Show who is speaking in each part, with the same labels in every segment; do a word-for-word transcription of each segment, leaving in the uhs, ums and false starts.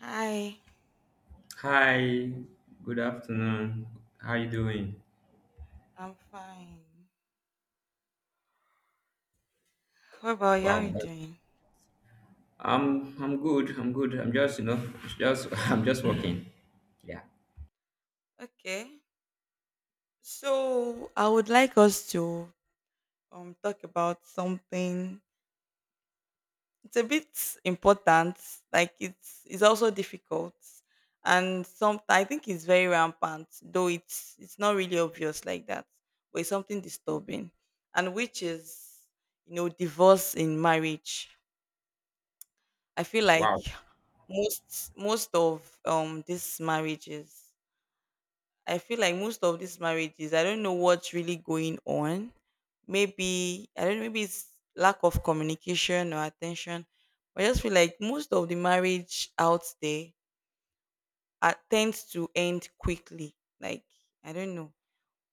Speaker 1: Hi,
Speaker 2: Hi, good afternoon. How you doing?
Speaker 1: I'm fine. How about you? How
Speaker 2: Wow.
Speaker 1: you
Speaker 2: that's-
Speaker 1: doing?
Speaker 2: I'm I'm good. I'm good. I'm just, you know, it's just I'm just working. Yeah.
Speaker 1: Okay. So I would like us to um talk about something. It's a bit important. Like it's it's also difficult, and some I think it's very rampant. Though it's it's not really obvious like that, but it's something disturbing, and which is you know divorce in marriage. I feel like
Speaker 2: Wow.
Speaker 1: most most of um these marriages. I feel like most of these marriages, I don't know what's really going on. Maybe I don't know, maybe it's lack of communication or attention. I just feel like most of the marriage out there are, tends to end quickly. Like I don't know.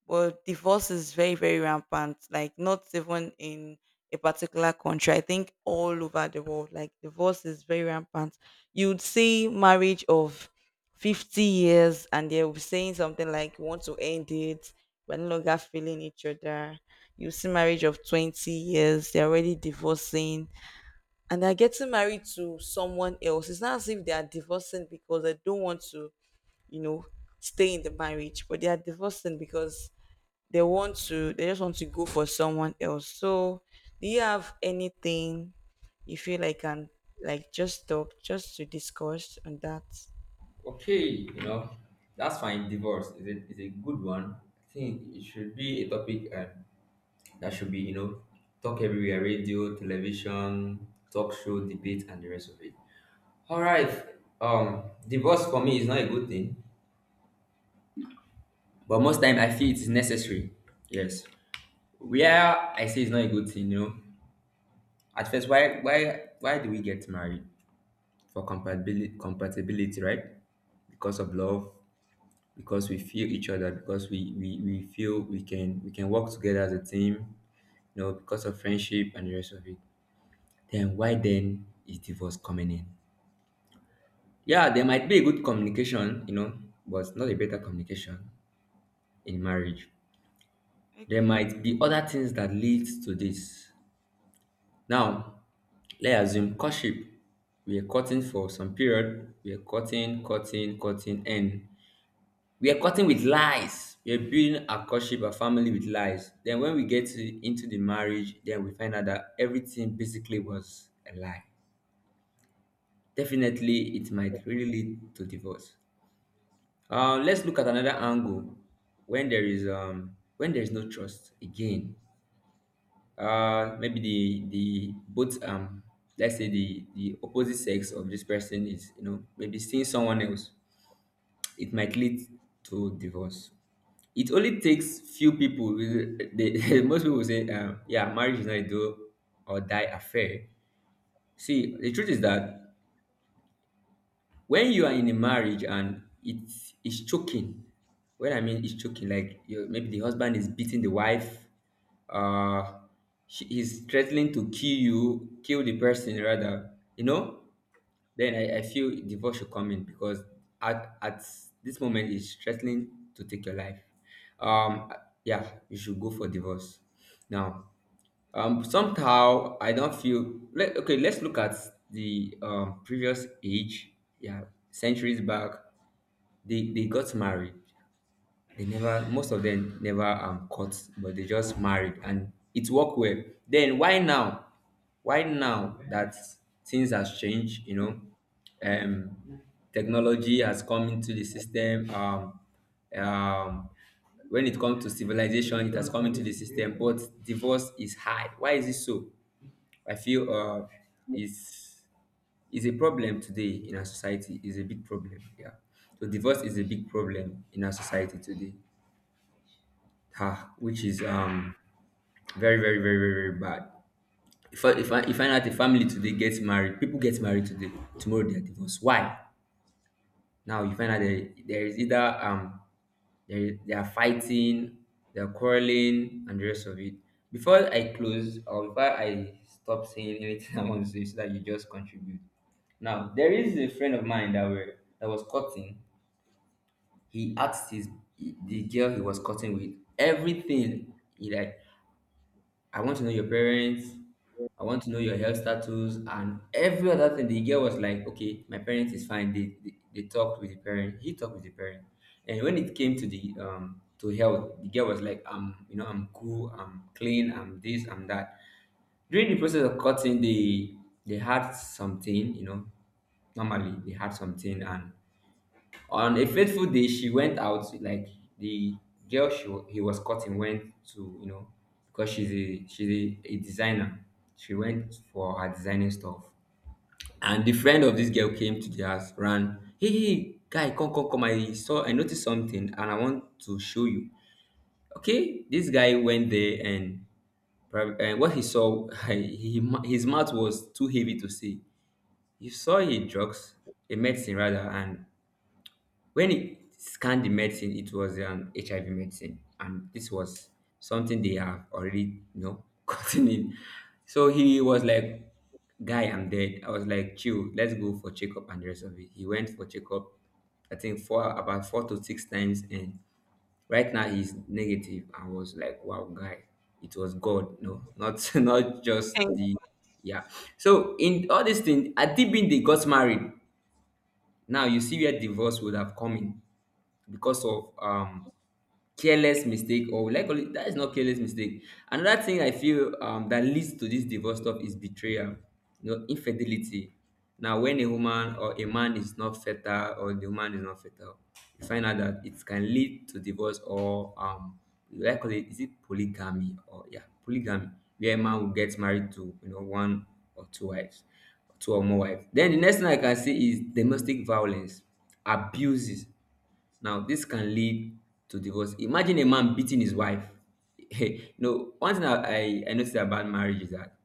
Speaker 1: But divorce is very, very rampant, like not even in a particular country. I think all over the world, like divorce is very rampant. You'd see marriage of fifty years and they'll be saying something like, "We want to end it. We're no longer feeling each other." You see marriage of twenty years, they're already divorcing and they're getting married to someone else. It's not as if they are divorcing because they don't want to, you know, stay in the marriage, but they are divorcing because they want to they just want to go for someone else. So do you have anything you feel like can, like, just talk, just to discuss on that?
Speaker 2: Okay, you know, that's fine. Divorce is a, is a good one. I think it should be a topic uh, that should be, you know, talk everywhere: radio, television, talk show, debate, and the rest of it. All right. Um, Divorce for me is not a good thing, but most time I feel it's necessary. Yes. Where I say it's not a good thing, you know. At first, why why why do we get married? For compatibility compatibility, right? Because of love, because we feel each other, because we, we, we feel we can we can work together as a team, you know, because of friendship and the rest of it. Then why then is divorce coming in? Yeah, there might be a good communication, you know, but not a better communication in marriage. There
Speaker 1: Okay.
Speaker 2: might be other things that leads to this. Now, let's assume courtship. We are courting for some period. We are courting, courting, courting, and we are courting with lies. We are building our courtship, our family with lies. Then when we get to, into the marriage, then we find out that everything basically was a lie. Definitely, it might really lead to divorce. Uh, let's look at another angle when there is um when there is no trust again. Uh maybe the the both um let's say the the opposite sex of this person is, you know, maybe seeing someone else, it might lead to divorce. It only takes few people with- they, most people say, um, yeah, marriage is not a do or die affair. See, the truth is that when you are in a marriage and it's it's choking, what I mean is choking, like, you maybe the husband is beating the wife, uh she is threatening to kill you kill the person rather, you know. Then i, I feel divorce should come in because at at this moment he's threatening to take your life. um yeah, you should go for divorce now. Um somehow I don't feel let, Okay, let's look at the um previous age. Yeah, centuries back, they they got married. They never, Most of them never um caught, but they just married and it worked well. Then why now? Why now that things has changed, you know? Um, Technology has come into the system. Um, um, when it comes to civilization, it has come into the system, but divorce is high. Why is it so? I feel uh, it's, is a problem today in our society. Is a big problem. Yeah. So divorce is a big problem in our society today, ah, which is um very, very, very, very, very bad. If I if I if I out a family today gets married, people get married today, tomorrow they are divorced. Why? Now you find out there, there is either um they they are fighting, they are quarreling, and the rest of it. Before I close or before I stop saying anything, I want to say, so that you just contribute. Now there is a friend of mine that were that was cutting. He asked his the girl he was cutting with everything. He like, I want to know your parents. I want to know your health status and every other thing. The girl was like, okay, my parents is fine. They, they, they talked with the parent. He talked with the parent. And when it came to the um to health, the girl was like, I'm, you know, I'm cool. I'm clean. I'm this. I'm that. During the process of cutting, they they had something. You know, normally they had something, and on a fateful day, she went out. Like, the girl, she wa- he was cutting, went to, you know, because she's a she's a, a designer. She went for her designing stuff, and the friend of this girl came to the house, ran. Hey, hey, hey, guy, come, come, come! I saw, I noticed something, and I want to show you. Okay, this guy went there, and prob- and what he saw, he, his mouth was too heavy to see. He saw a drugs, a medicine rather, and when he scanned the medicine, it was an H I V medicine, and this was something they have already, you know, gotten in. So he was like, "Guy, I'm dead." I was like, "Chill, let's go for checkup and the rest of it." He went for checkup, I think four about four to six times, and right now he's negative. I was like, "Wow, guy, it was God, no, not not just
Speaker 1: And
Speaker 2: the yeah." So in all these things, at deep in they got married. Now you see where divorce would have come in, because of um careless mistake, or will I call it that is not careless mistake. Another thing I feel um that leads to this divorce stuff is betrayal, you know, infidelity. Now when a woman or a man is not fertile, or the woman is not fertile, you find out that it can lead to divorce, or um will I call it, is it polygamy, or yeah, polygamy, where a man will get married to, you know, one or two wives, two or more wives. Then the next thing I can see is domestic violence, abuses. Now, this can lead to divorce. Imagine a man beating his wife. You know, one thing I, I, I noticed about marriage is that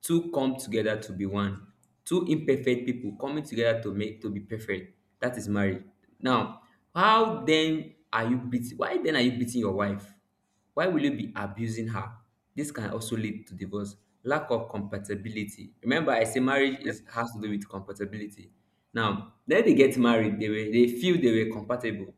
Speaker 2: two come together to be one. Two imperfect people coming together to make to be perfect, that is marriage. Now, how then are you beating why then are you beating your wife? Why will you be abusing her? This can also lead to divorce. Lack of compatibility. Remember I say marriage is has to do with compatibility. Now, then they get married, they were they feel they were compatible.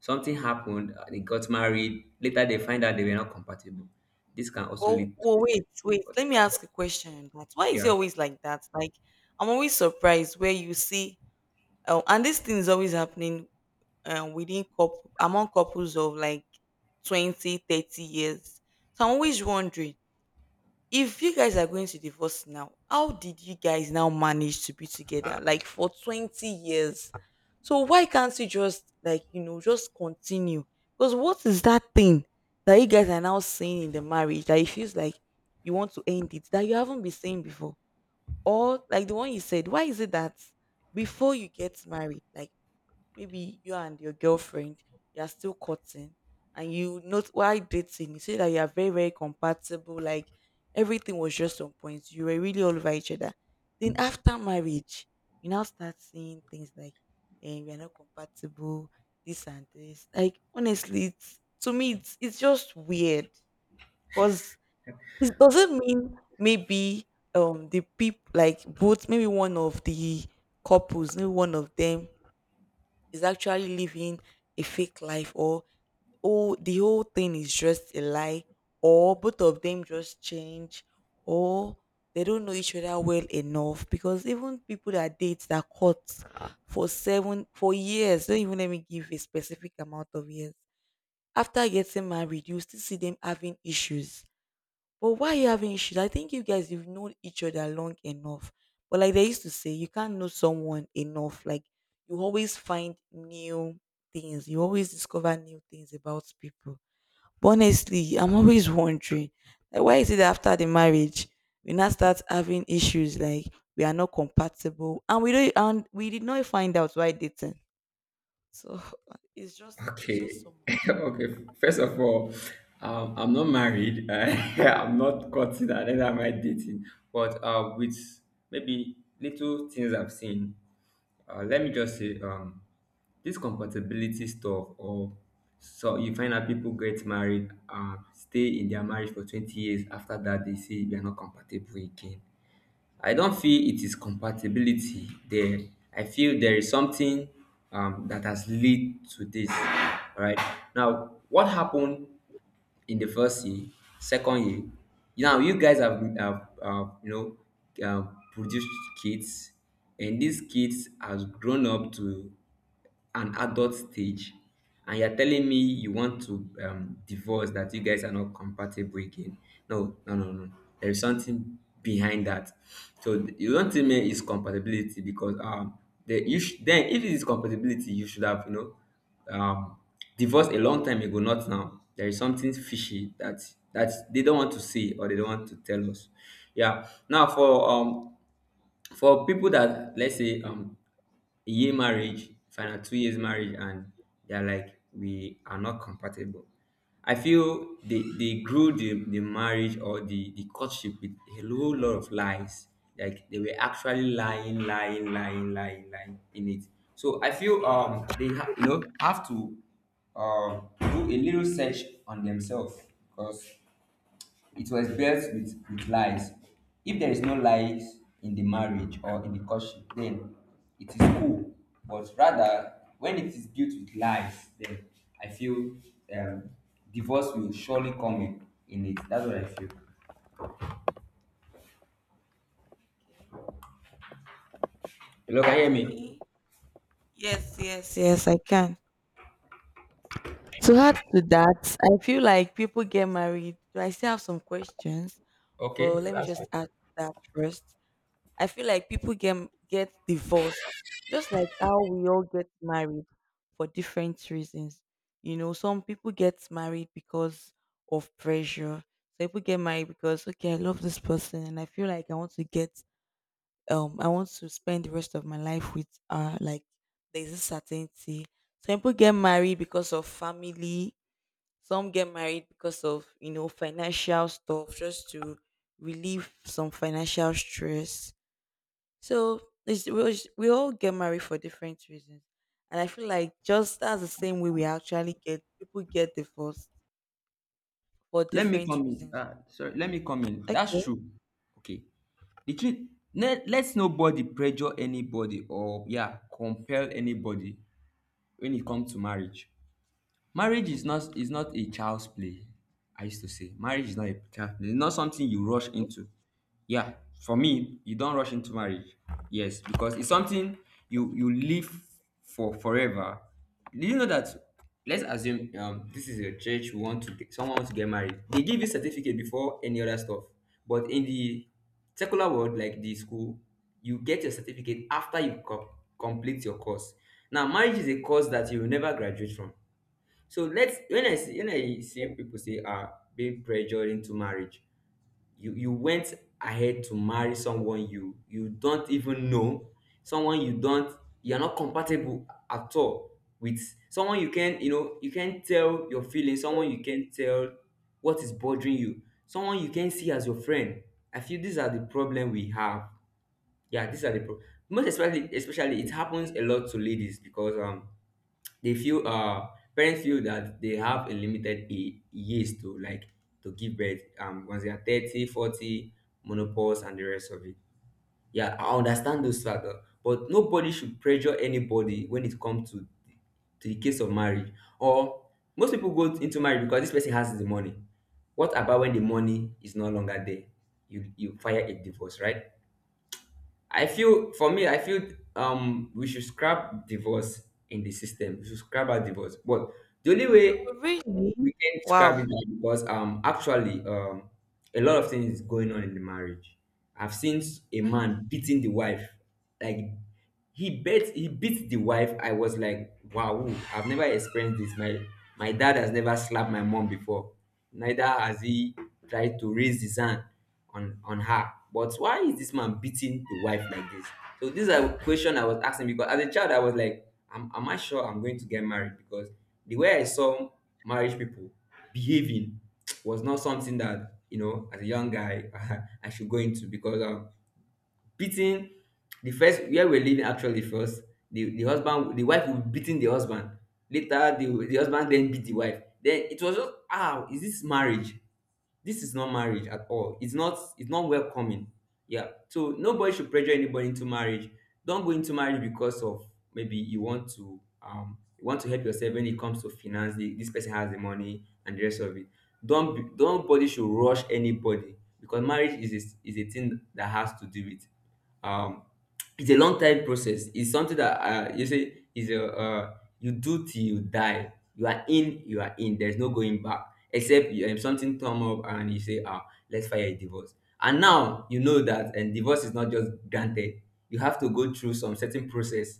Speaker 2: Something happened, uh, they got married, later they find out they were not compatible. This can also
Speaker 1: oh,
Speaker 2: lead to
Speaker 1: well, wait, wait.
Speaker 2: divorce.
Speaker 1: Let me ask a question on that. Why
Speaker 2: Yeah,
Speaker 1: is it
Speaker 2: yeah.
Speaker 1: always like that? Like, I'm always surprised where you see, oh, and this thing is always happening uh, within couple, among couples of like twenty, thirty years. So I'm always wondering, if you guys are going to divorce now, how did you guys now manage to be together like for twenty years? So why can't you just, like, you know, just continue? Because what is that thing that you guys are now saying in the marriage that it feels like you want to end it, that you haven't been saying before? Or like the one you said, why is it that before you get married, like maybe you and your girlfriend, you are still courting and you note, while dating, you say that you are very, very compatible, like everything was just on point, you were really all over each other. Then after marriage, you now start seeing things like, and we are not compatible, this and this. Like, honestly, it's, to me, it's, it's just weird because it doesn't mean. Maybe um the people, like both, maybe one of the couples, maybe one of them, is actually living a fake life, or oh, the whole thing is just a lie, or both of them just change, or they don't know each other well enough, because even people that date, that caught for seven, for years, don't even, let me give a specific amount of years, after getting married, you still see them having issues. But why are you having issues? I think you guys, you've known each other long enough. But like they used to say, you can't know someone enough. Like, you always find new things. You always discover new things about people. But honestly, I'm always wondering, like, why is it that after the marriage we now start having issues, like we are not compatible, and we don't, and we did not find out why dating. So it's just it's
Speaker 2: Okay.
Speaker 1: just so much.
Speaker 2: Okay. First of all, um, I'm not married. I'm not courting, and neither am I dating. But uh, with maybe little things I've seen, uh, let me just say, um, this compatibility stuff, or so, you find out people get married, um, stay in their marriage for twenty years. After that, they say we are not compatible again. I don't feel it is compatibility there. I feel there is something, um, that has led to this. All right. Now, what happened in the first year, second year? Now, you guys have, have uh, you know, uh, produced kids, and these kids has grown up to an adult stage, and you're telling me you want to um, divorce, that you guys are not compatible again. No, no, no, no. There is something behind that. So, th- you don't tell me it's compatibility, because um the you sh- then if it is compatibility you should have, you know, um divorced a long time ago, not now. There is something fishy that that they don't want to see or they don't want to tell us. Yeah. Now for um for people that let's say um a year marriage, final two years marriage, and they're like, we are not compatible. I feel they they grew the, the marriage or the, the courtship with a whole lot of lies. Like they were actually lying, lying, lying, lying, lying in it. So I feel um they ha- you know, have to um do a little search on themselves, because it was built with, with lies. If there is no lies in the marriage or in the courtship, then it is cool. But rather, when it is built with lies, then I feel, um, divorce will surely come in, in it. That's what I feel.
Speaker 1: Okay.
Speaker 2: Hello, can
Speaker 1: But
Speaker 2: you hear
Speaker 1: to
Speaker 2: me?
Speaker 1: me, yes, yes, yes, I can. To add to that, I feel like people get married. Do I still have some questions? But
Speaker 2: Okay,
Speaker 1: let me
Speaker 2: that's fine.
Speaker 1: just add to that first. I feel like people get get divorced, just like how we all get married for different reasons. You know, some people get married because of pressure. Some people get married because okay, I love this person and I feel like I want to get um I want to spend the rest of my life with uh like there's a certainty. Some people get married because of family. Some get married because of, you know, financial stuff, just to relieve some financial stress. So it's, we, all- we all get married for different reasons. And I feel like just that's the same way we actually get, people get divorced for
Speaker 2: Let me
Speaker 1: different
Speaker 2: come in.
Speaker 1: reasons.
Speaker 2: Uh, sorry, let me come in.
Speaker 1: Okay.
Speaker 2: That's
Speaker 1: Oh,
Speaker 2: true. Okay. The truth, let, let's nobody pressure anybody, or, yeah, compel anybody when it comes to marriage. Marriage is not is not a child's play. I used to say marriage is not a child's play. It's not something you rush into. Yeah, for me, you don't rush into marriage. Yes, because it's something you you live for forever. Do you know that? Let's assume, um, this is a church. We want to get, someone wants to get married. They give you certificate before any other stuff. But in the secular world, like the school, you get your certificate after you co- complete your course. Now, marriage is a course that you will never graduate from. So let's when I see when I see people say are being pressured into marriage, you you went ahead to marry someone you you don't even know, someone you don't you're not compatible at all with, someone you can you know you can't tell your feelings, someone you can't tell what is bothering you, someone you can see as your friend. I feel these are the problem we have. Yeah, these are the problem. Most especially especially it happens a lot to ladies because um they feel uh parents feel that they have a limited a years to like to give birth um once they are thirty forty, menopause and the rest of it. Yeah, I understand those factors, but nobody should pressure anybody when it comes to to the case of marriage. Or, most people go into marriage because this person has the money. What about when the money is no longer there? You you file a divorce, right? I feel For me, I feel um we should scrap divorce in the system. We should scrap out divorce. But the only way
Speaker 1: really?
Speaker 2: we can describe
Speaker 1: Wow.
Speaker 2: it, like, because um actually, um a lot of things is going on in the marriage. I've seen s- a
Speaker 1: Okay.
Speaker 2: man beating the
Speaker 1: In
Speaker 2: wife, like he bet he beat the wife. I was like, wow, I've never experienced this. My my dad has never slapped my mom before. Neither has he tried to raise his hand on on her. But why is this man beating the wife like this? So these are question I was asking because as a child I was like, am, am I sure I'm going to get married, because the way I saw marriage people behaving was not something that you know as a young guy I should go into because um beating the first where we're living actually first the the husband, the wife will be beating the husband, later the the husband then beat the wife. Then it was just, how is this marriage? This is not marriage at all. It's not it's not welcoming. Yeah, so nobody should pressure anybody into marriage. Don't go into marriage because of, maybe you want to um you want to help yourself when it comes to finance. The- this person has the money and the rest of it. Don't be, don't Nobody should rush anybody, because marriage is a, is a thing that has to do with, um it's a long time process. It's something that uh, you say is a uh, you do till you die. You are in, you are in. There's no going back. Except you, um, something come up and you say, ah, let's file a divorce. And now you know that, and divorce is not just granted. You have to go through some certain process.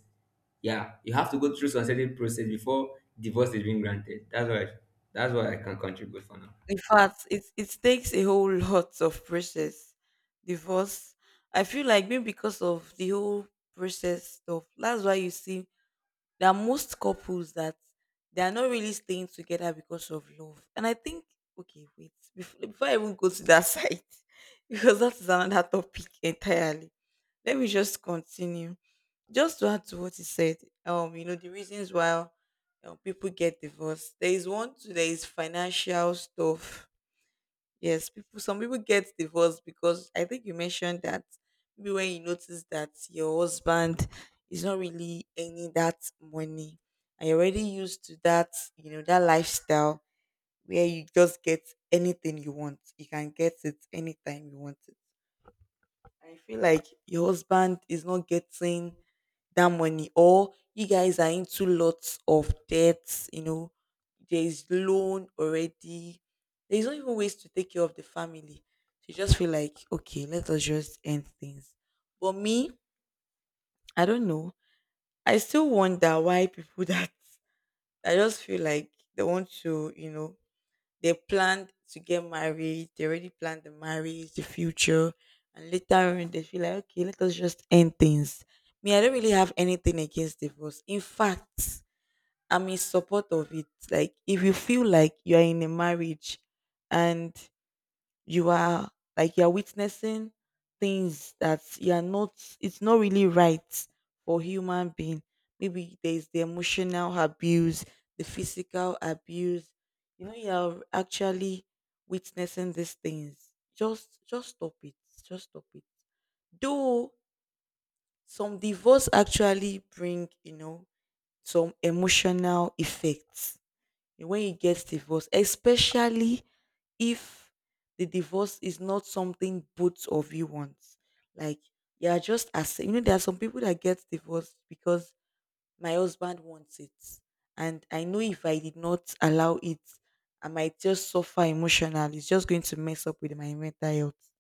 Speaker 2: Yeah, you have to go through some certain process before divorce is being granted. That's what I, that's what I can contribute for now.
Speaker 1: fact, it, it takes a whole lot of process. Divorce. I feel like maybe because of the whole process stuff, that's why you see there are most couples that they are not really staying together because of love. And I think, okay, wait, before, before I even go to that side, because that is another topic entirely. Let me just continue. Just to add to what he said, um, you know, the reasons why um, people get divorced. There is one, too, there is financial stuff. Yes, people. Some people get divorced because I think you mentioned that maybe when you notice that your husband is not really earning that money, and you're already used to that, you know, that lifestyle where you just get anything you want. You can get it anytime you want it. I feel like your husband is not getting that money, or you guys are into lots of debts, you know, there is loan already. There's not even ways to take care of the family. So you just feel like, okay, let us just end things. But me, I don't know. I still wonder why people that, I just feel like they want to, you know, they planned to get married. They already planned the marriage, the future, and later on they feel like, okay, let us just end things. Me, I don't really have anything against divorce. In fact, I'm in support of it. Like, if you feel like you are in a marriage and you are, like you're witnessing things that you're not, it's not really right for human being, maybe there's the emotional abuse, the physical abuse, you know, you're actually witnessing these things, just just stop it. Just stop it. Though some divorce actually bring, you know, some emotional effects when you get divorced, especially if the divorce is not something both of you want. Like, you are just, as you know, there are some people that get divorced because my husband wants it. And I know if I did not allow it, I might just suffer emotionally. It's just going to mess up with my mental health.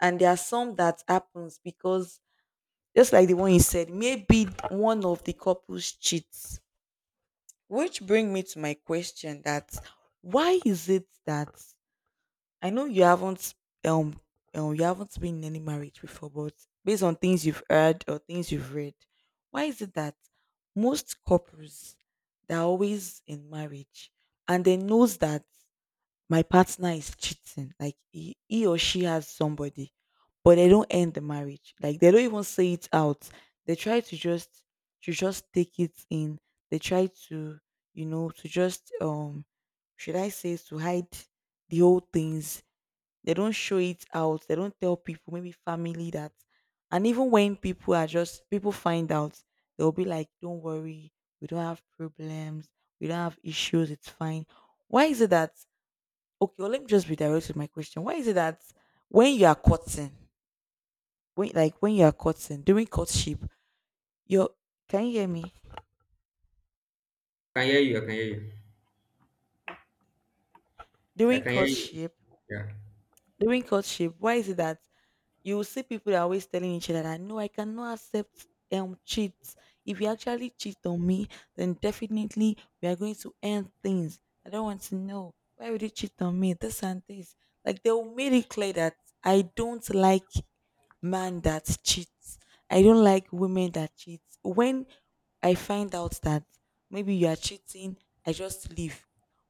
Speaker 1: And there are some that happens because, just like the one you said, maybe one of the couples cheats, which bring me to my question that, why is it that, I know you haven't um, um you haven't been in any marriage before, but based on things you've heard or things you've read, why is it that most couples, they're always in marriage and they knows that my partner is cheating, like he, he or she has somebody, but they don't end the marriage, like they don't even say it out, they try to just, to just take it in, they try to, you know, to just um should I say, to hide the old things, they don't show it out, they don't tell people, maybe family, that, and even when people are just, people find out, they'll be like, don't worry, we don't have problems, we don't have issues, it's fine. Why is it that, okay, well, let me just redirect with my question, why is it that when you are courting, when, like when you are courting during courtship, your, can you hear me?
Speaker 2: I can hear you. I can hear you. I
Speaker 1: During
Speaker 2: can hear you.
Speaker 1: courtship.
Speaker 2: Yeah,
Speaker 1: During courtship, why is it that you will see people that are always telling each other that, no, I cannot accept um cheats. If you actually cheat on me, then definitely we are going to end things. I don't want to know, why would you cheat on me? This and this. Like, they will made it clear that I don't like man that cheats. I don't like women that cheat. When I find out that maybe you are cheating, I just leave.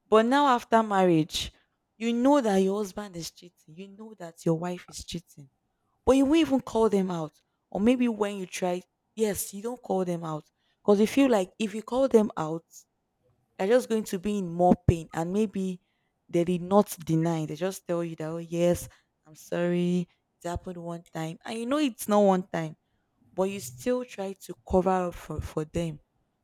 Speaker 1: But now after marriage, you know that your husband is cheating. You know that your wife is cheating, but you won't even call them out. Or maybe when you try, yes, you don't call them out. Because you feel like if you call them out, they're just going to be in more pain. And maybe they did not deny. They just tell you that, oh, yes, I'm sorry. It happened one time. And you know it's not one time, but you still try to cover up for, for them.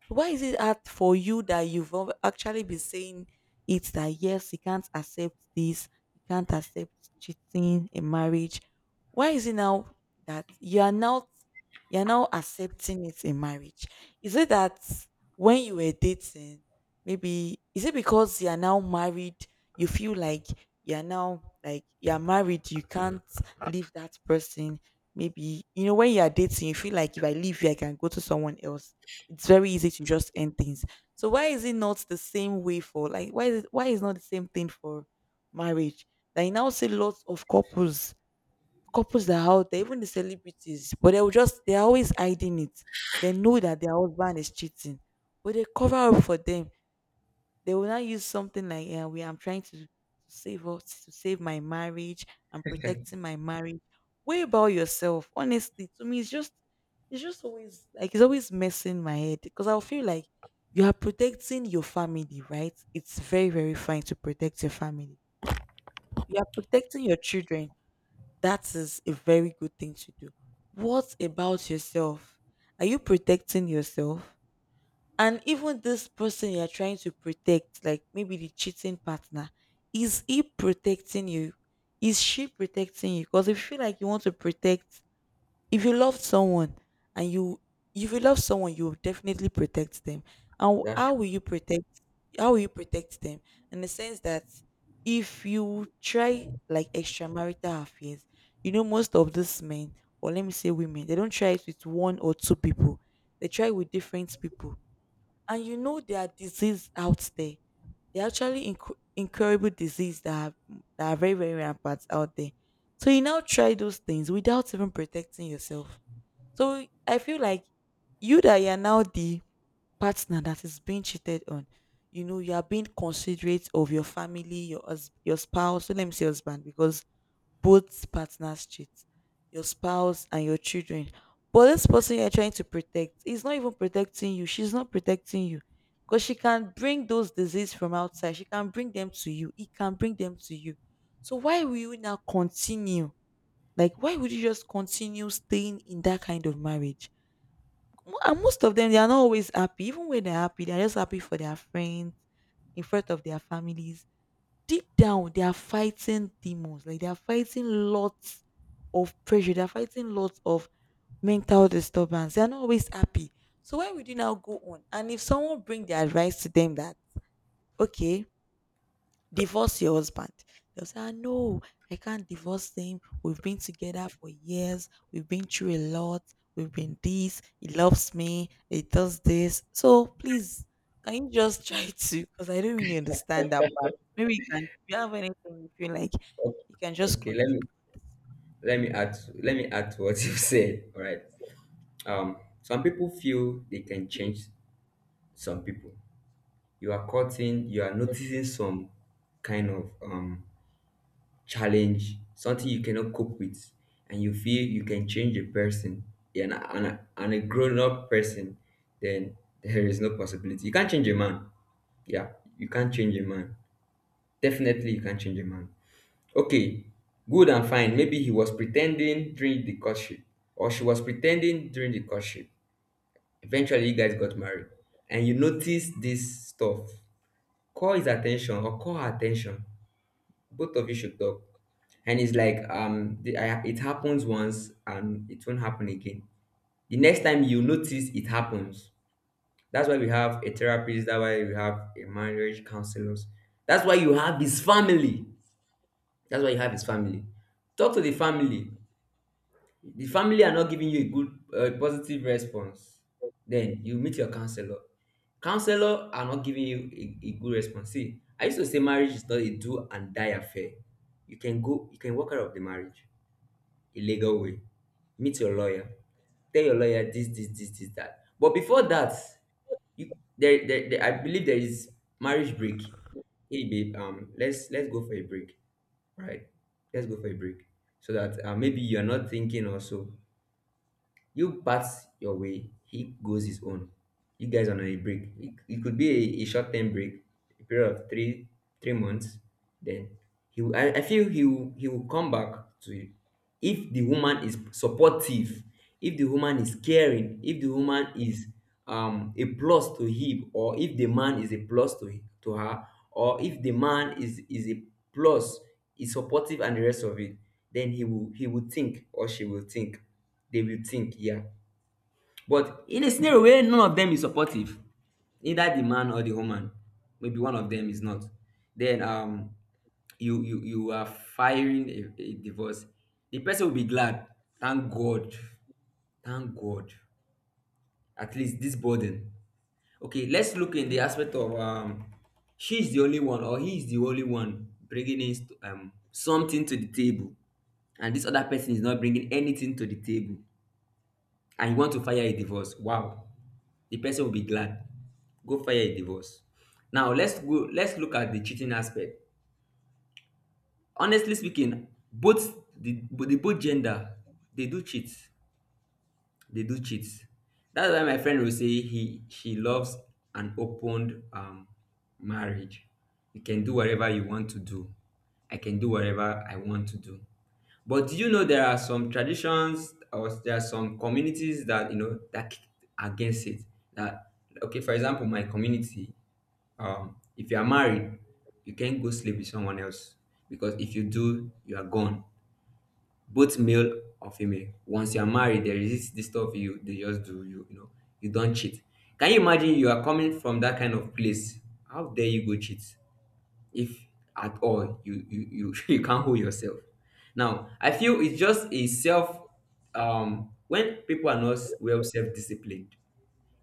Speaker 1: So why is it hard for you that you've al- actually been saying it that, yes, you can't accept this, you can't accept cheating in marriage? Why is it now that you are not, you're now accepting it in marriage? Is it that when you were dating, maybe is it because you are now married, you feel like you're now like you're married, you can't leave that person? Maybe you know when you are dating, you feel like if I leave here, I can go to someone else. It's very easy to just end things. So why is it not the same way for like why is it, why is not the same thing for marriage? That you now see lots of couples, couples that are out there, even the celebrities, but they will just they are always hiding it. They know that their husband is cheating, but they cover up for them. They will not use something like, yeah, we I'm trying to, to save up to save my marriage, I'm protecting my marriage way about yourself. Honestly, to me it's just it's just always like it's always messing my head because I'll feel like you are protecting your family, right? It's very very fine to protect your family, you are protecting your children, that is a very good thing to do. What about yourself? Are you protecting yourself? And even this person you're trying to protect, like maybe the cheating partner, is he protecting you? Is she protecting you? Because if you feel like you want to protect, if you love someone and you, if you love someone you will definitely protect them. And wh-
Speaker 2: that's
Speaker 1: how will you protect, how will you protect them? In the sense that, if you try like extramarital affairs, you know most of these men, or let me say women, they don't try it with one or two people, they try with different people. And you know, there are diseases out there. There are actually inc- incurable disease that have, that are very very rampant out there. So you now try those things without even protecting yourself. So I feel like you, that you are now the partner that is being cheated on. You know, you are being considerate of your family, your hus- your spouse. So let me say husband because both partners cheat, your spouse and your children. But this person you're trying to protect is not even protecting you, she's not protecting you, because she can bring those diseases from outside, she can bring them to you, it can bring them to you. So why will you now continue, like why would you just continue staying in that kind of marriage? Mo- and most of them, they are not always happy. Even when they're happy, they're just happy for their friends, in front of their families. Deep down they are fighting demons, like they are fighting lots of pressure, they are fighting lots of mental disturbance, they are not always happy. So why would you now go on? And if someone bring the advice to them that, okay, divorce your husband, they'll say, ah, no, I can't divorce him. We've been together for years. We've been through a lot. We've been this. He loves me. He does this. So please, can you just try to? Because I don't really understand that part. Maybe you can, if you have anything you feel like you can just
Speaker 2: okay.
Speaker 1: contribute.
Speaker 2: Let me let me add let me add to what you said. All right, um some people feel they can change. Some people, you are cutting you are noticing some kind of um challenge, something you cannot cope with, and you feel you can change a person, and a, and a, and a grown-up person. Then there is no possibility, you can't change a man. Yeah, you can't change a man. Definitely, you can't change a man. Okay, good and fine. Maybe he was pretending during the courtship, or she was pretending during the courtship. Eventually, you guys got married, and you notice this stuff. Call his attention or call her attention. Both of you should talk. And it's like, um, the, I, it happens once and it won't happen again. The next time you notice, it happens. That's why we have a therapist. That's why we have a marriage counselors. That's why you have his family. That's why you have his family. Talk to the family. The family are not giving you a good, uh, positive response, then you meet your counselor. Counselor are not giving you a, a good response. See, I used to say marriage is not a do and die affair. You can go you can walk out of the marriage, a legal way. Meet your lawyer, tell your lawyer this, this, this, this, that. But before that, you there, there, there I believe there is marriage break. Hey babe, um let's let's go for a break, right? Let's go for a break, so that uh, maybe you're not thinking also. You pass your way, he goes his own. You guys are on a break. It, it could be a, a short term break, a period of three three months. Then he will, I, I feel he will, he will come back to, if the woman is supportive, if the woman is caring, if the woman is um, a plus to him, or if the man is a plus to to her, or if the man is is a plus, is supportive and the rest of it, then he will he will think, or she will think, they will think. Yeah, but in a scenario where none of them is supportive, neither the man or the woman, maybe one of them is not, then um you you you are firing a, a divorce, the person will be glad. Thank god, thank god, at least this burden. Okay, let's look in the aspect of, um she's the only one, or he is the only one bringing in st- um something to the table, and this other person is not bringing anything to the table, and you want to fire a divorce, wow, the person will be glad, go fire a divorce. Now let's go, let's look at the cheating aspect. Honestly speaking, both the the both gender, they do cheat, they do cheat. That's why my friend will say, he she loves an open um marriage. You can do whatever you want to do, I can do whatever I want to do. But do you know there are some traditions, or there are some communities that you know that kick against it, that okay, for example, my community, um, if you are married, you can't go sleep with someone else, because if you do, you are gone, both male or female. Once you are married, there is this, this stuff you they just do, you you know, you don't cheat. Can you imagine you are coming from that kind of place? How dare you go cheat? If at all you you you, you can't hold yourself. Now I feel it's just a self, um when people are not well self disciplined.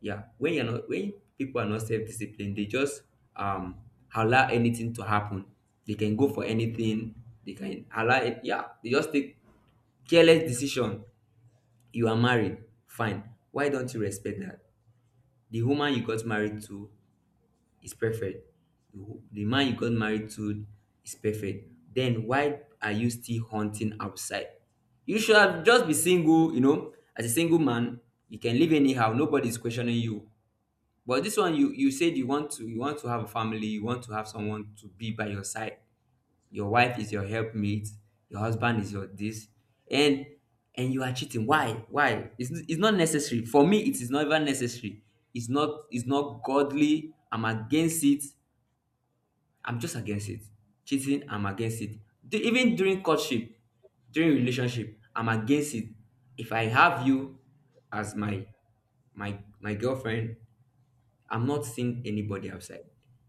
Speaker 2: Yeah, when you're not when people are not self-disciplined, they just um allow anything to happen. They can go for anything, they can allow it, yeah, they just take careless decision. You are married, fine, why don't you respect that? The woman you got married to is perfect, the, wo- the man you got married to is perfect, then why are you still hunting outside? You should have just be single, you know as a single man, you can live anyhow, nobody's questioning you. But this one, you you said you want to, you want to have a family, you want to have someone to be by your side. Your wife is your helpmate, your husband is your this, and and you are cheating. Why? Why? It's, it's not necessary. For me, it is not even necessary. It's not it's not godly. I'm against it. I'm just against it. Cheating, I'm against it. D- even during courtship, during relationship, I'm against it. If I have you as my my my girlfriend, I'm not seeing anybody outside.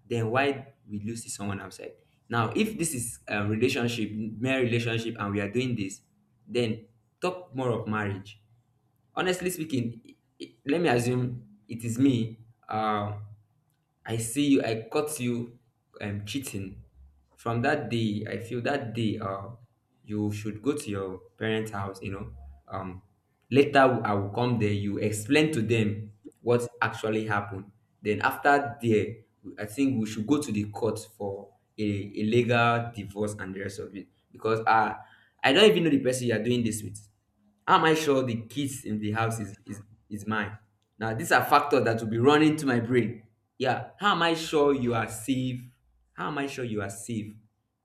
Speaker 2: Then why will you see someone outside? Now, if this is a relationship, mere relationship, and we are doing this, then talk more of marriage. Honestly speaking, i- i- let me assume it is me. Uh, I see you, I caught you um, cheating. From that day, I feel that day, uh, you should go to your parents' house. You know, um, later I will come there. You explain to them what actually happened. Then after there, I think we should go to the court for a, a legal divorce and the rest of it, because uh, I don't even know the person you are doing this with. How am I sure the kids in the house is is is mine? Now these are factors that will be running to my brain. Yeah, how am I sure you are safe? How am I sure you are safe?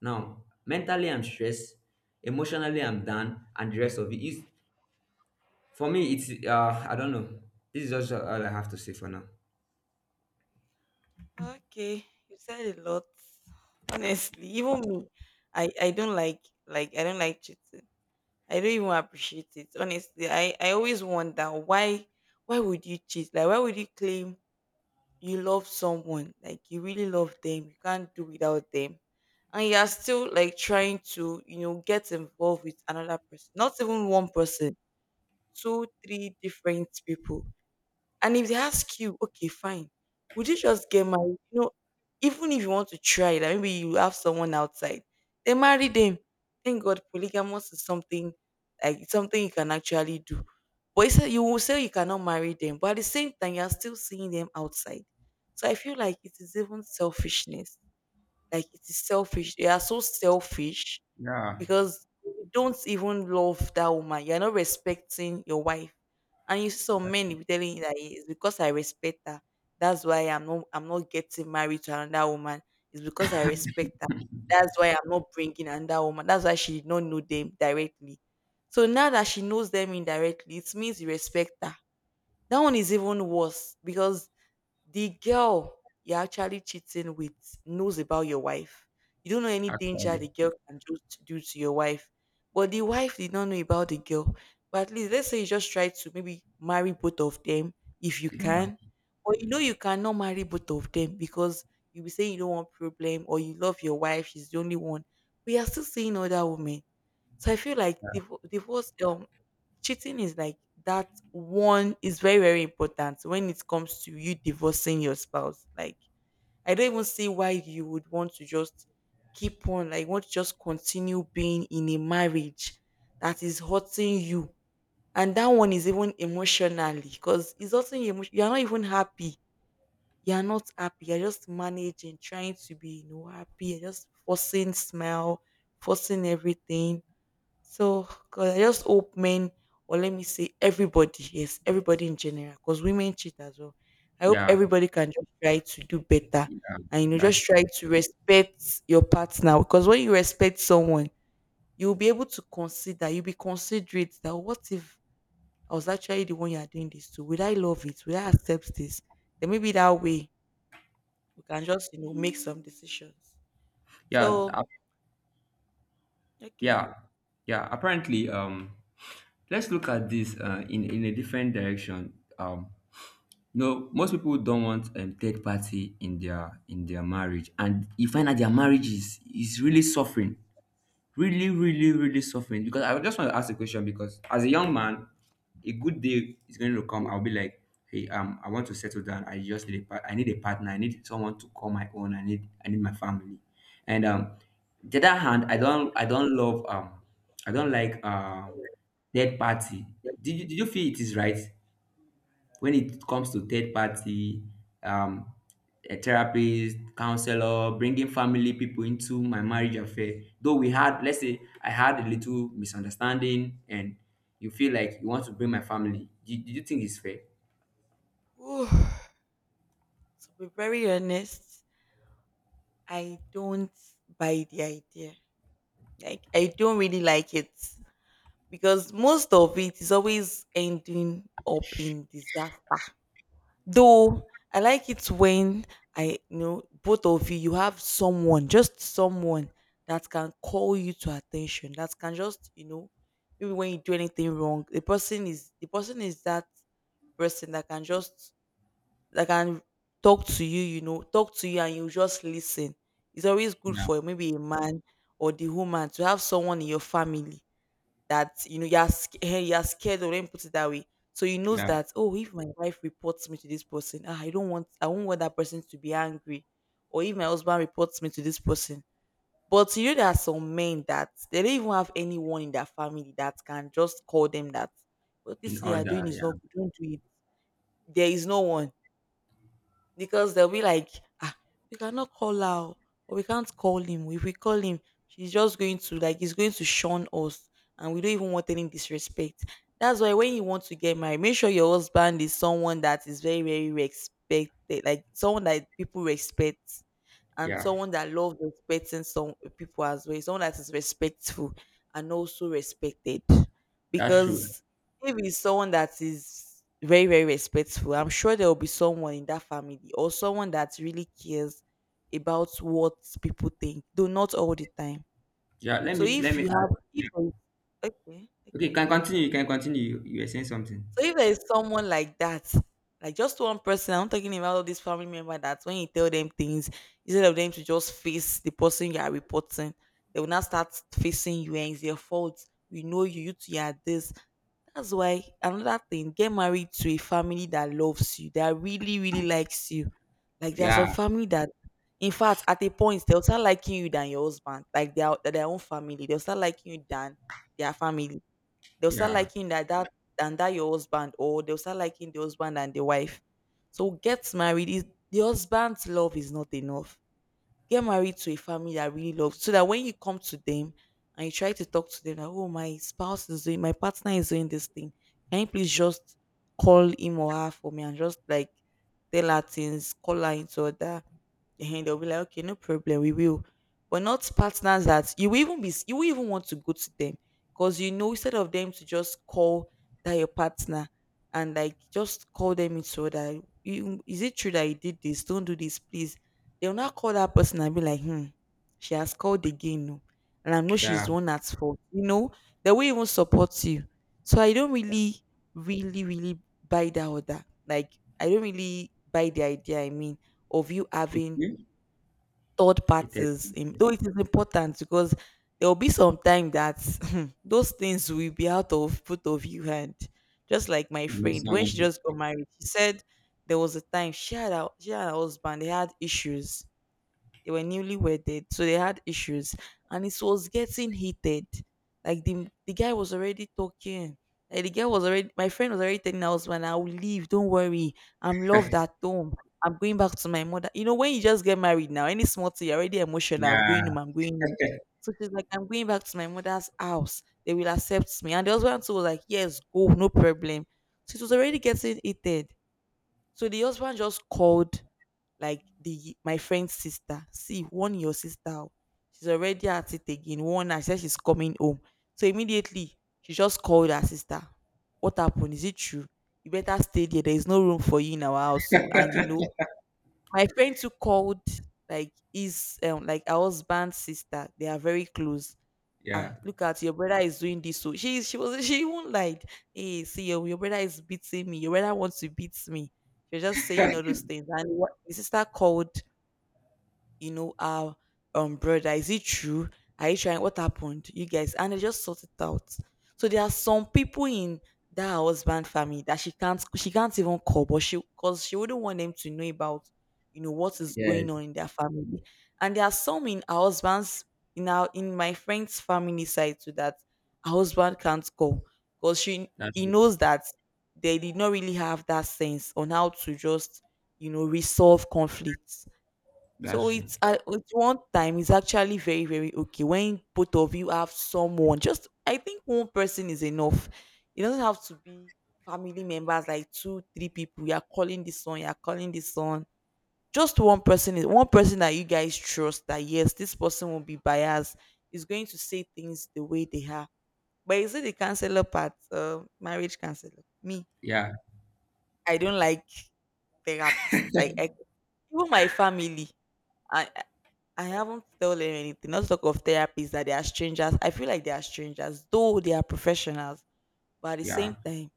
Speaker 2: Now, mentally I'm stressed, emotionally I'm done, and the rest of it is for me. It's, uh, I don't know. This is just all I have to say for now.
Speaker 1: Okay, you said a lot. Honestly, even me, I, I don't like like I don't like cheating. I don't even appreciate it. Honestly, I, I always wonder why why would you cheat? Like, why would you claim you love someone? Like you really love them. You can't do without them. And you are still like trying to, you know, get involved with another person. Not even one person. Two, three different people. And if they ask you, okay, fine, would you just get married? You know, even if you want to try it, like maybe you have someone outside, they marry them. Thank God, polygamous is something, like it's something you can actually do. But you say, you will say you cannot marry them, but at the same time, you are still seeing them outside. So I feel like it is even selfishness. Like it is selfish. They are so selfish,
Speaker 2: Yeah,
Speaker 1: because you don't even love that woman. You're not respecting your wife. And you see some men will be telling you that it's because I respect her. That's why I'm not I'm not getting married to another woman. It's because I respect her. That's why I'm not bringing another woman. That's why she did not know them directly. So now that she knows them indirectly, it means you respect her. That one is even worse because the girl you're actually cheating with knows about your wife. You don't know any danger
Speaker 2: actually,
Speaker 1: the girl can just do to your wife. But the wife did not know about the girl. But at least let's say you just try to maybe marry both of them if you
Speaker 2: yeah,
Speaker 1: can. Or you know you cannot marry both of them because you be saying you don't want problem, or you love your wife, she's the only one. We are still seeing other women. So I feel like divo- divorce, um, cheating is like, that one is very very important when it comes to you divorcing your spouse. Like, I don't even see why you would want to just keep on, like want to just continue being in a marriage that is hurting you, and that one is even emotionally, because it's also you. You are not even happy. You are not happy. You're just managing, trying to be, you know, happy. You're just forcing smile, forcing everything. So, cause I just hope men, or let me say everybody, yes, everybody in general, because women cheat as well. I hope
Speaker 2: yeah,
Speaker 1: everybody can just try to do better
Speaker 2: yeah.
Speaker 1: and, you know, just
Speaker 2: That's
Speaker 1: try to respect your partner. Because when you respect someone, you'll be able to consider, you'll be considerate that, "Oh, what if I was actually the one you are doing this to? Would I love it? Would I accept this?" Then maybe that way we can just, you know, make some decisions.
Speaker 2: Yeah,
Speaker 1: So,
Speaker 2: uh,
Speaker 1: okay.
Speaker 2: yeah, yeah. Apparently, um, let's look at this uh, in in a different direction. Um, No, most people don't want um, third party in their in their marriage, and you find that their marriage is is really suffering, really, really, really suffering. Because I just want to ask a question. Because as a young man, a good day is going to come. I'll be like, hey, um, I want to settle down. I just need a part- I need a partner. I need someone to call my own. I need I need my family. And um, the other hand, I don't I don't love um I don't like um third party. Did you did you feel it is right? When it comes to third party, um a therapist, counselor bringing family people into my marriage affair, though we had let's say I had a little misunderstanding, and you feel like you want to bring my family, do, do you think it's fair?
Speaker 1: Whew. To be very honest, I don't buy the idea. Like, I don't really like it because most of it is always ending up in disaster. Though I like it when I, you know, both of you, you have someone, just someone that can call you to attention, that can just, you know, maybe when you do anything wrong, the person is the person is that person that can just, that can talk to you, you know, talk to you and you just listen. It's always good
Speaker 2: Yeah,
Speaker 1: for maybe a man or the woman to have someone in your family that you know you're sc- eh, you're scared of. Let me put it that way. So he knows
Speaker 2: yeah,
Speaker 1: that, oh, if my wife reports me to this person, ah, I don't want I won't want that person to be angry, or if my husband reports me to this person. But you know there are some men that they don't even have anyone in their family that can just call them that, what this
Speaker 2: in
Speaker 1: thing you are doing
Speaker 2: order.
Speaker 1: is
Speaker 2: Yeah,
Speaker 1: not good. Don't do it. There is no one, because they'll be like, ah, we cannot call her o, or we can't call him. If we call him, she's just going to like he's going to shun us, and we don't even want any disrespect. That's why when you want to get married, make sure your husband is someone that is very, very respected, like someone that people respect and
Speaker 2: yeah,
Speaker 1: someone that loves respecting some people as well. Someone that is respectful and also respected.
Speaker 2: that's true.
Speaker 1: Because if it's someone that is very, very respectful, I'm sure there will be someone in that family or someone that really cares about what people think, though not all the time.
Speaker 2: Yeah, let
Speaker 1: So
Speaker 2: me let
Speaker 1: if
Speaker 2: me
Speaker 1: you
Speaker 2: add,
Speaker 1: have, if
Speaker 2: yeah.
Speaker 1: there is- okay,
Speaker 2: Okay,
Speaker 1: okay.
Speaker 2: can continue you can continue, you, you were saying something.
Speaker 1: So if there is someone like that, like just one person, I'm not talking about all these family member that when you tell them things, instead of them to just face the person you are reporting, they will now start facing you and it's their fault. We know you, you two are this. That's why another thing, get married to a family that loves you, that really, really likes you. Like there's some
Speaker 2: Yeah,
Speaker 1: family that in fact at a point they'll start liking you than your husband. Like their their own family. They'll start liking you than their family. They'll start
Speaker 2: yeah,
Speaker 1: liking that that and that your husband, or they'll start liking the husband and the wife. So get married. Is the husband's love is not enough. Get married to a family that really loves, so that when you come to them and you try to talk to them, that, oh, my spouse is doing, my partner is doing this thing. Can you please just call him or her for me and just like tell her things, call her into order, and they'll be like, okay, no problem, we will. But not partners that you will even be you will even want to go to them. Because you know, instead of them to just call that your partner and like just call them into that, you, is it true that you did this? Don't do this, please. They'll not call that person and be like, hmm, she has called again. No. And I know she's
Speaker 2: yeah,
Speaker 1: the one that's fault. You know, they will even support you. So I don't really, really, really buy that or that. Like I don't really buy the idea, I mean, of you having
Speaker 2: okay.
Speaker 1: third
Speaker 2: It is-
Speaker 1: parties im- though it is important because there will be some time that those things will be out of both of you hand, just like my
Speaker 2: you need
Speaker 1: friend. When
Speaker 2: someone
Speaker 1: she just
Speaker 2: to,
Speaker 1: got married, she said there was a time she had a she had a husband, they had issues. They were newly wedded, so they had issues, and it was getting heated. Like the the guy was already talking. Like the girl was already. My friend was already telling us, "Man, I'll leave. Don't worry. I'm loved at home. I'm going back to my mother." You know, when you just get married now, any small thing, you're already emotional. I'm
Speaker 2: yeah,
Speaker 1: going home. I'm going home. So she's like, "I'm going back to my mother's house. They will accept me." And the husband too was like, "Yes, go. No problem." So it was already getting heated. So the husband just called like the my friend's sister. "See, warn your sister. Oh, she's already at it again. Warn her. She said she's coming home." So immediately, she just called her sister. "What happened? Is it true? You better stay there. There is no room for you in our house." So, and you know, my friend too called like his um like our husband's sister. They are very close. "Ah,
Speaker 2: yeah,
Speaker 1: look at your brother, is doing this." So she she was she even lied. "Hey, see your, your brother is beating me. Your brother wants to beat me." She was just saying all those things. And what, the sister called, you know, our um brother. "Is it true? Are you trying? What happened, you guys?" And they just sort it out. So there are some people in that her husband family that she can't she can't even call, but she, because she wouldn't want them to know about, you know, what is
Speaker 2: yeah.
Speaker 1: going on in their family. And there are some in her husband's in our in my friend's family side too that her husband can't call because she
Speaker 2: That's
Speaker 1: he
Speaker 2: true.
Speaker 1: knows that they did not really have that sense on how to just, you know, resolve conflicts.
Speaker 2: That's
Speaker 1: So
Speaker 2: true.
Speaker 1: it's at, at one time, it's actually very, very okay when both of you have someone. Just, I think one person is enough. It doesn't have to be family members like two three people. You are calling this one. You are calling this one. Just one person, is one person that you guys trust, that yes, this person will be biased, is going to say things the way they are. But is it the counselor part? Uh, marriage counselor. Me,
Speaker 2: Yeah,
Speaker 1: I don't like
Speaker 2: yeah,
Speaker 1: therapists. Like I, even my family. I, I haven't told them anything, not to talk of therapists, that they are strangers. I feel like they are strangers, though they are professionals. But at the
Speaker 2: yeah,
Speaker 1: same time,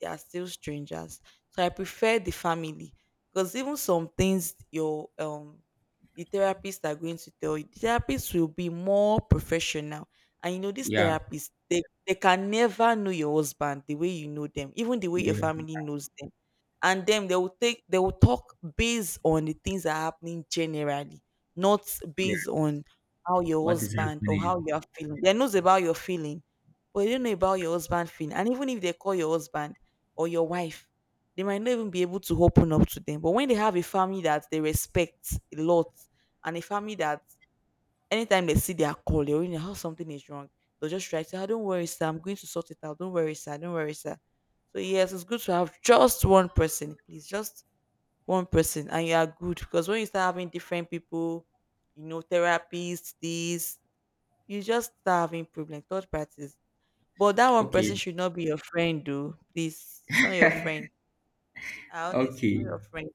Speaker 1: they are still strangers. So I prefer the family, because even some things your um the therapists are going to tell you, the therapists will be more professional. And you know, these therapists, they, they can never know your husband the way you know them, even the way your
Speaker 2: yeah.
Speaker 1: family knows them. And then they will take they will talk based on the things that are happening generally, not based
Speaker 2: Yeah.
Speaker 1: on how your
Speaker 2: What is
Speaker 1: husband or
Speaker 2: happening?
Speaker 1: how you are feeling. They knows about your feeling, but they don't know about your husband feeling. And even if they call your husband, or your wife, they might not even be able to open up to them. But when they have a family that they respect a lot, and a family that anytime they see their call, they already know how something is wrong, they'll just try to say, "Ah, don't worry, sir, I'm going to sort it out. Don't worry, sir, don't worry, sir." So yes, it's good to have just one person, please, just one person, and you are good, because when you start having different people, you know, therapists, this, you just start having problems, third parties. But that one person
Speaker 2: Okay,
Speaker 1: should not be your friend, though. Please, not your friend. I honestly, not
Speaker 2: okay.
Speaker 1: your friend.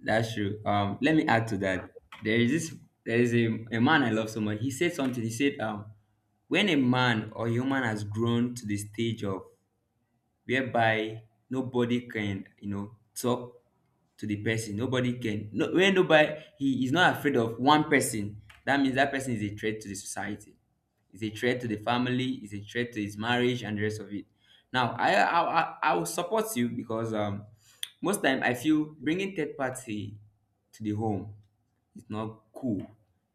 Speaker 2: That's true. Um, let me add to that. There is this. There is a, a man I love so much. He said something. He said, um, when a man or human has grown to the stage of whereby nobody can, you know, talk to the person. Nobody can no when nobody, he is not afraid of one person, that means that person is a threat to the society. Is a threat to the family, is a threat to his marriage and the rest of it. Now I I I, I will support you, because um most time I feel bringing third party to the home, it's not cool.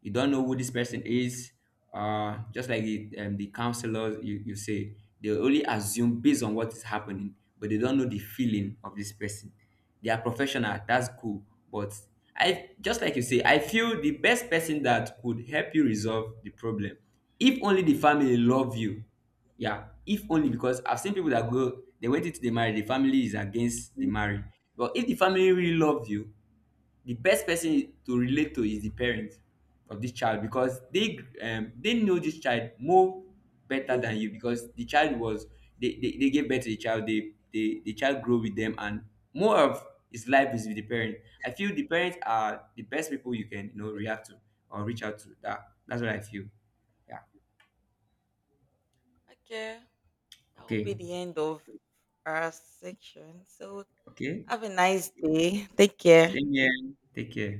Speaker 2: You don't know who this person is. Uh, just like the, um, the counselors, you, you say, they only assume based on what is happening, but they don't know the feeling of this person. They are professional, that's cool. But I just like you say, I feel the best person that could help you resolve the problem, if only the family love you. Yeah, if only, because I've seen people that go, they went into the marriage, the family is against the marriage. But if the family really love you, the best person to relate to is the parent of this child, because they um, they know this child more better than you, because the child was, they, they, they gave birth to the child, they, they the child grew with them, and more of his life is with the parent. I feel the parents are the best people you can, you know react to or reach out to. That that's what I feel. Yeah.
Speaker 1: Okay, that will be
Speaker 2: Okay,
Speaker 1: the end of our section. So,
Speaker 2: okay.
Speaker 1: have a nice day. Take care.
Speaker 2: Same here, take care.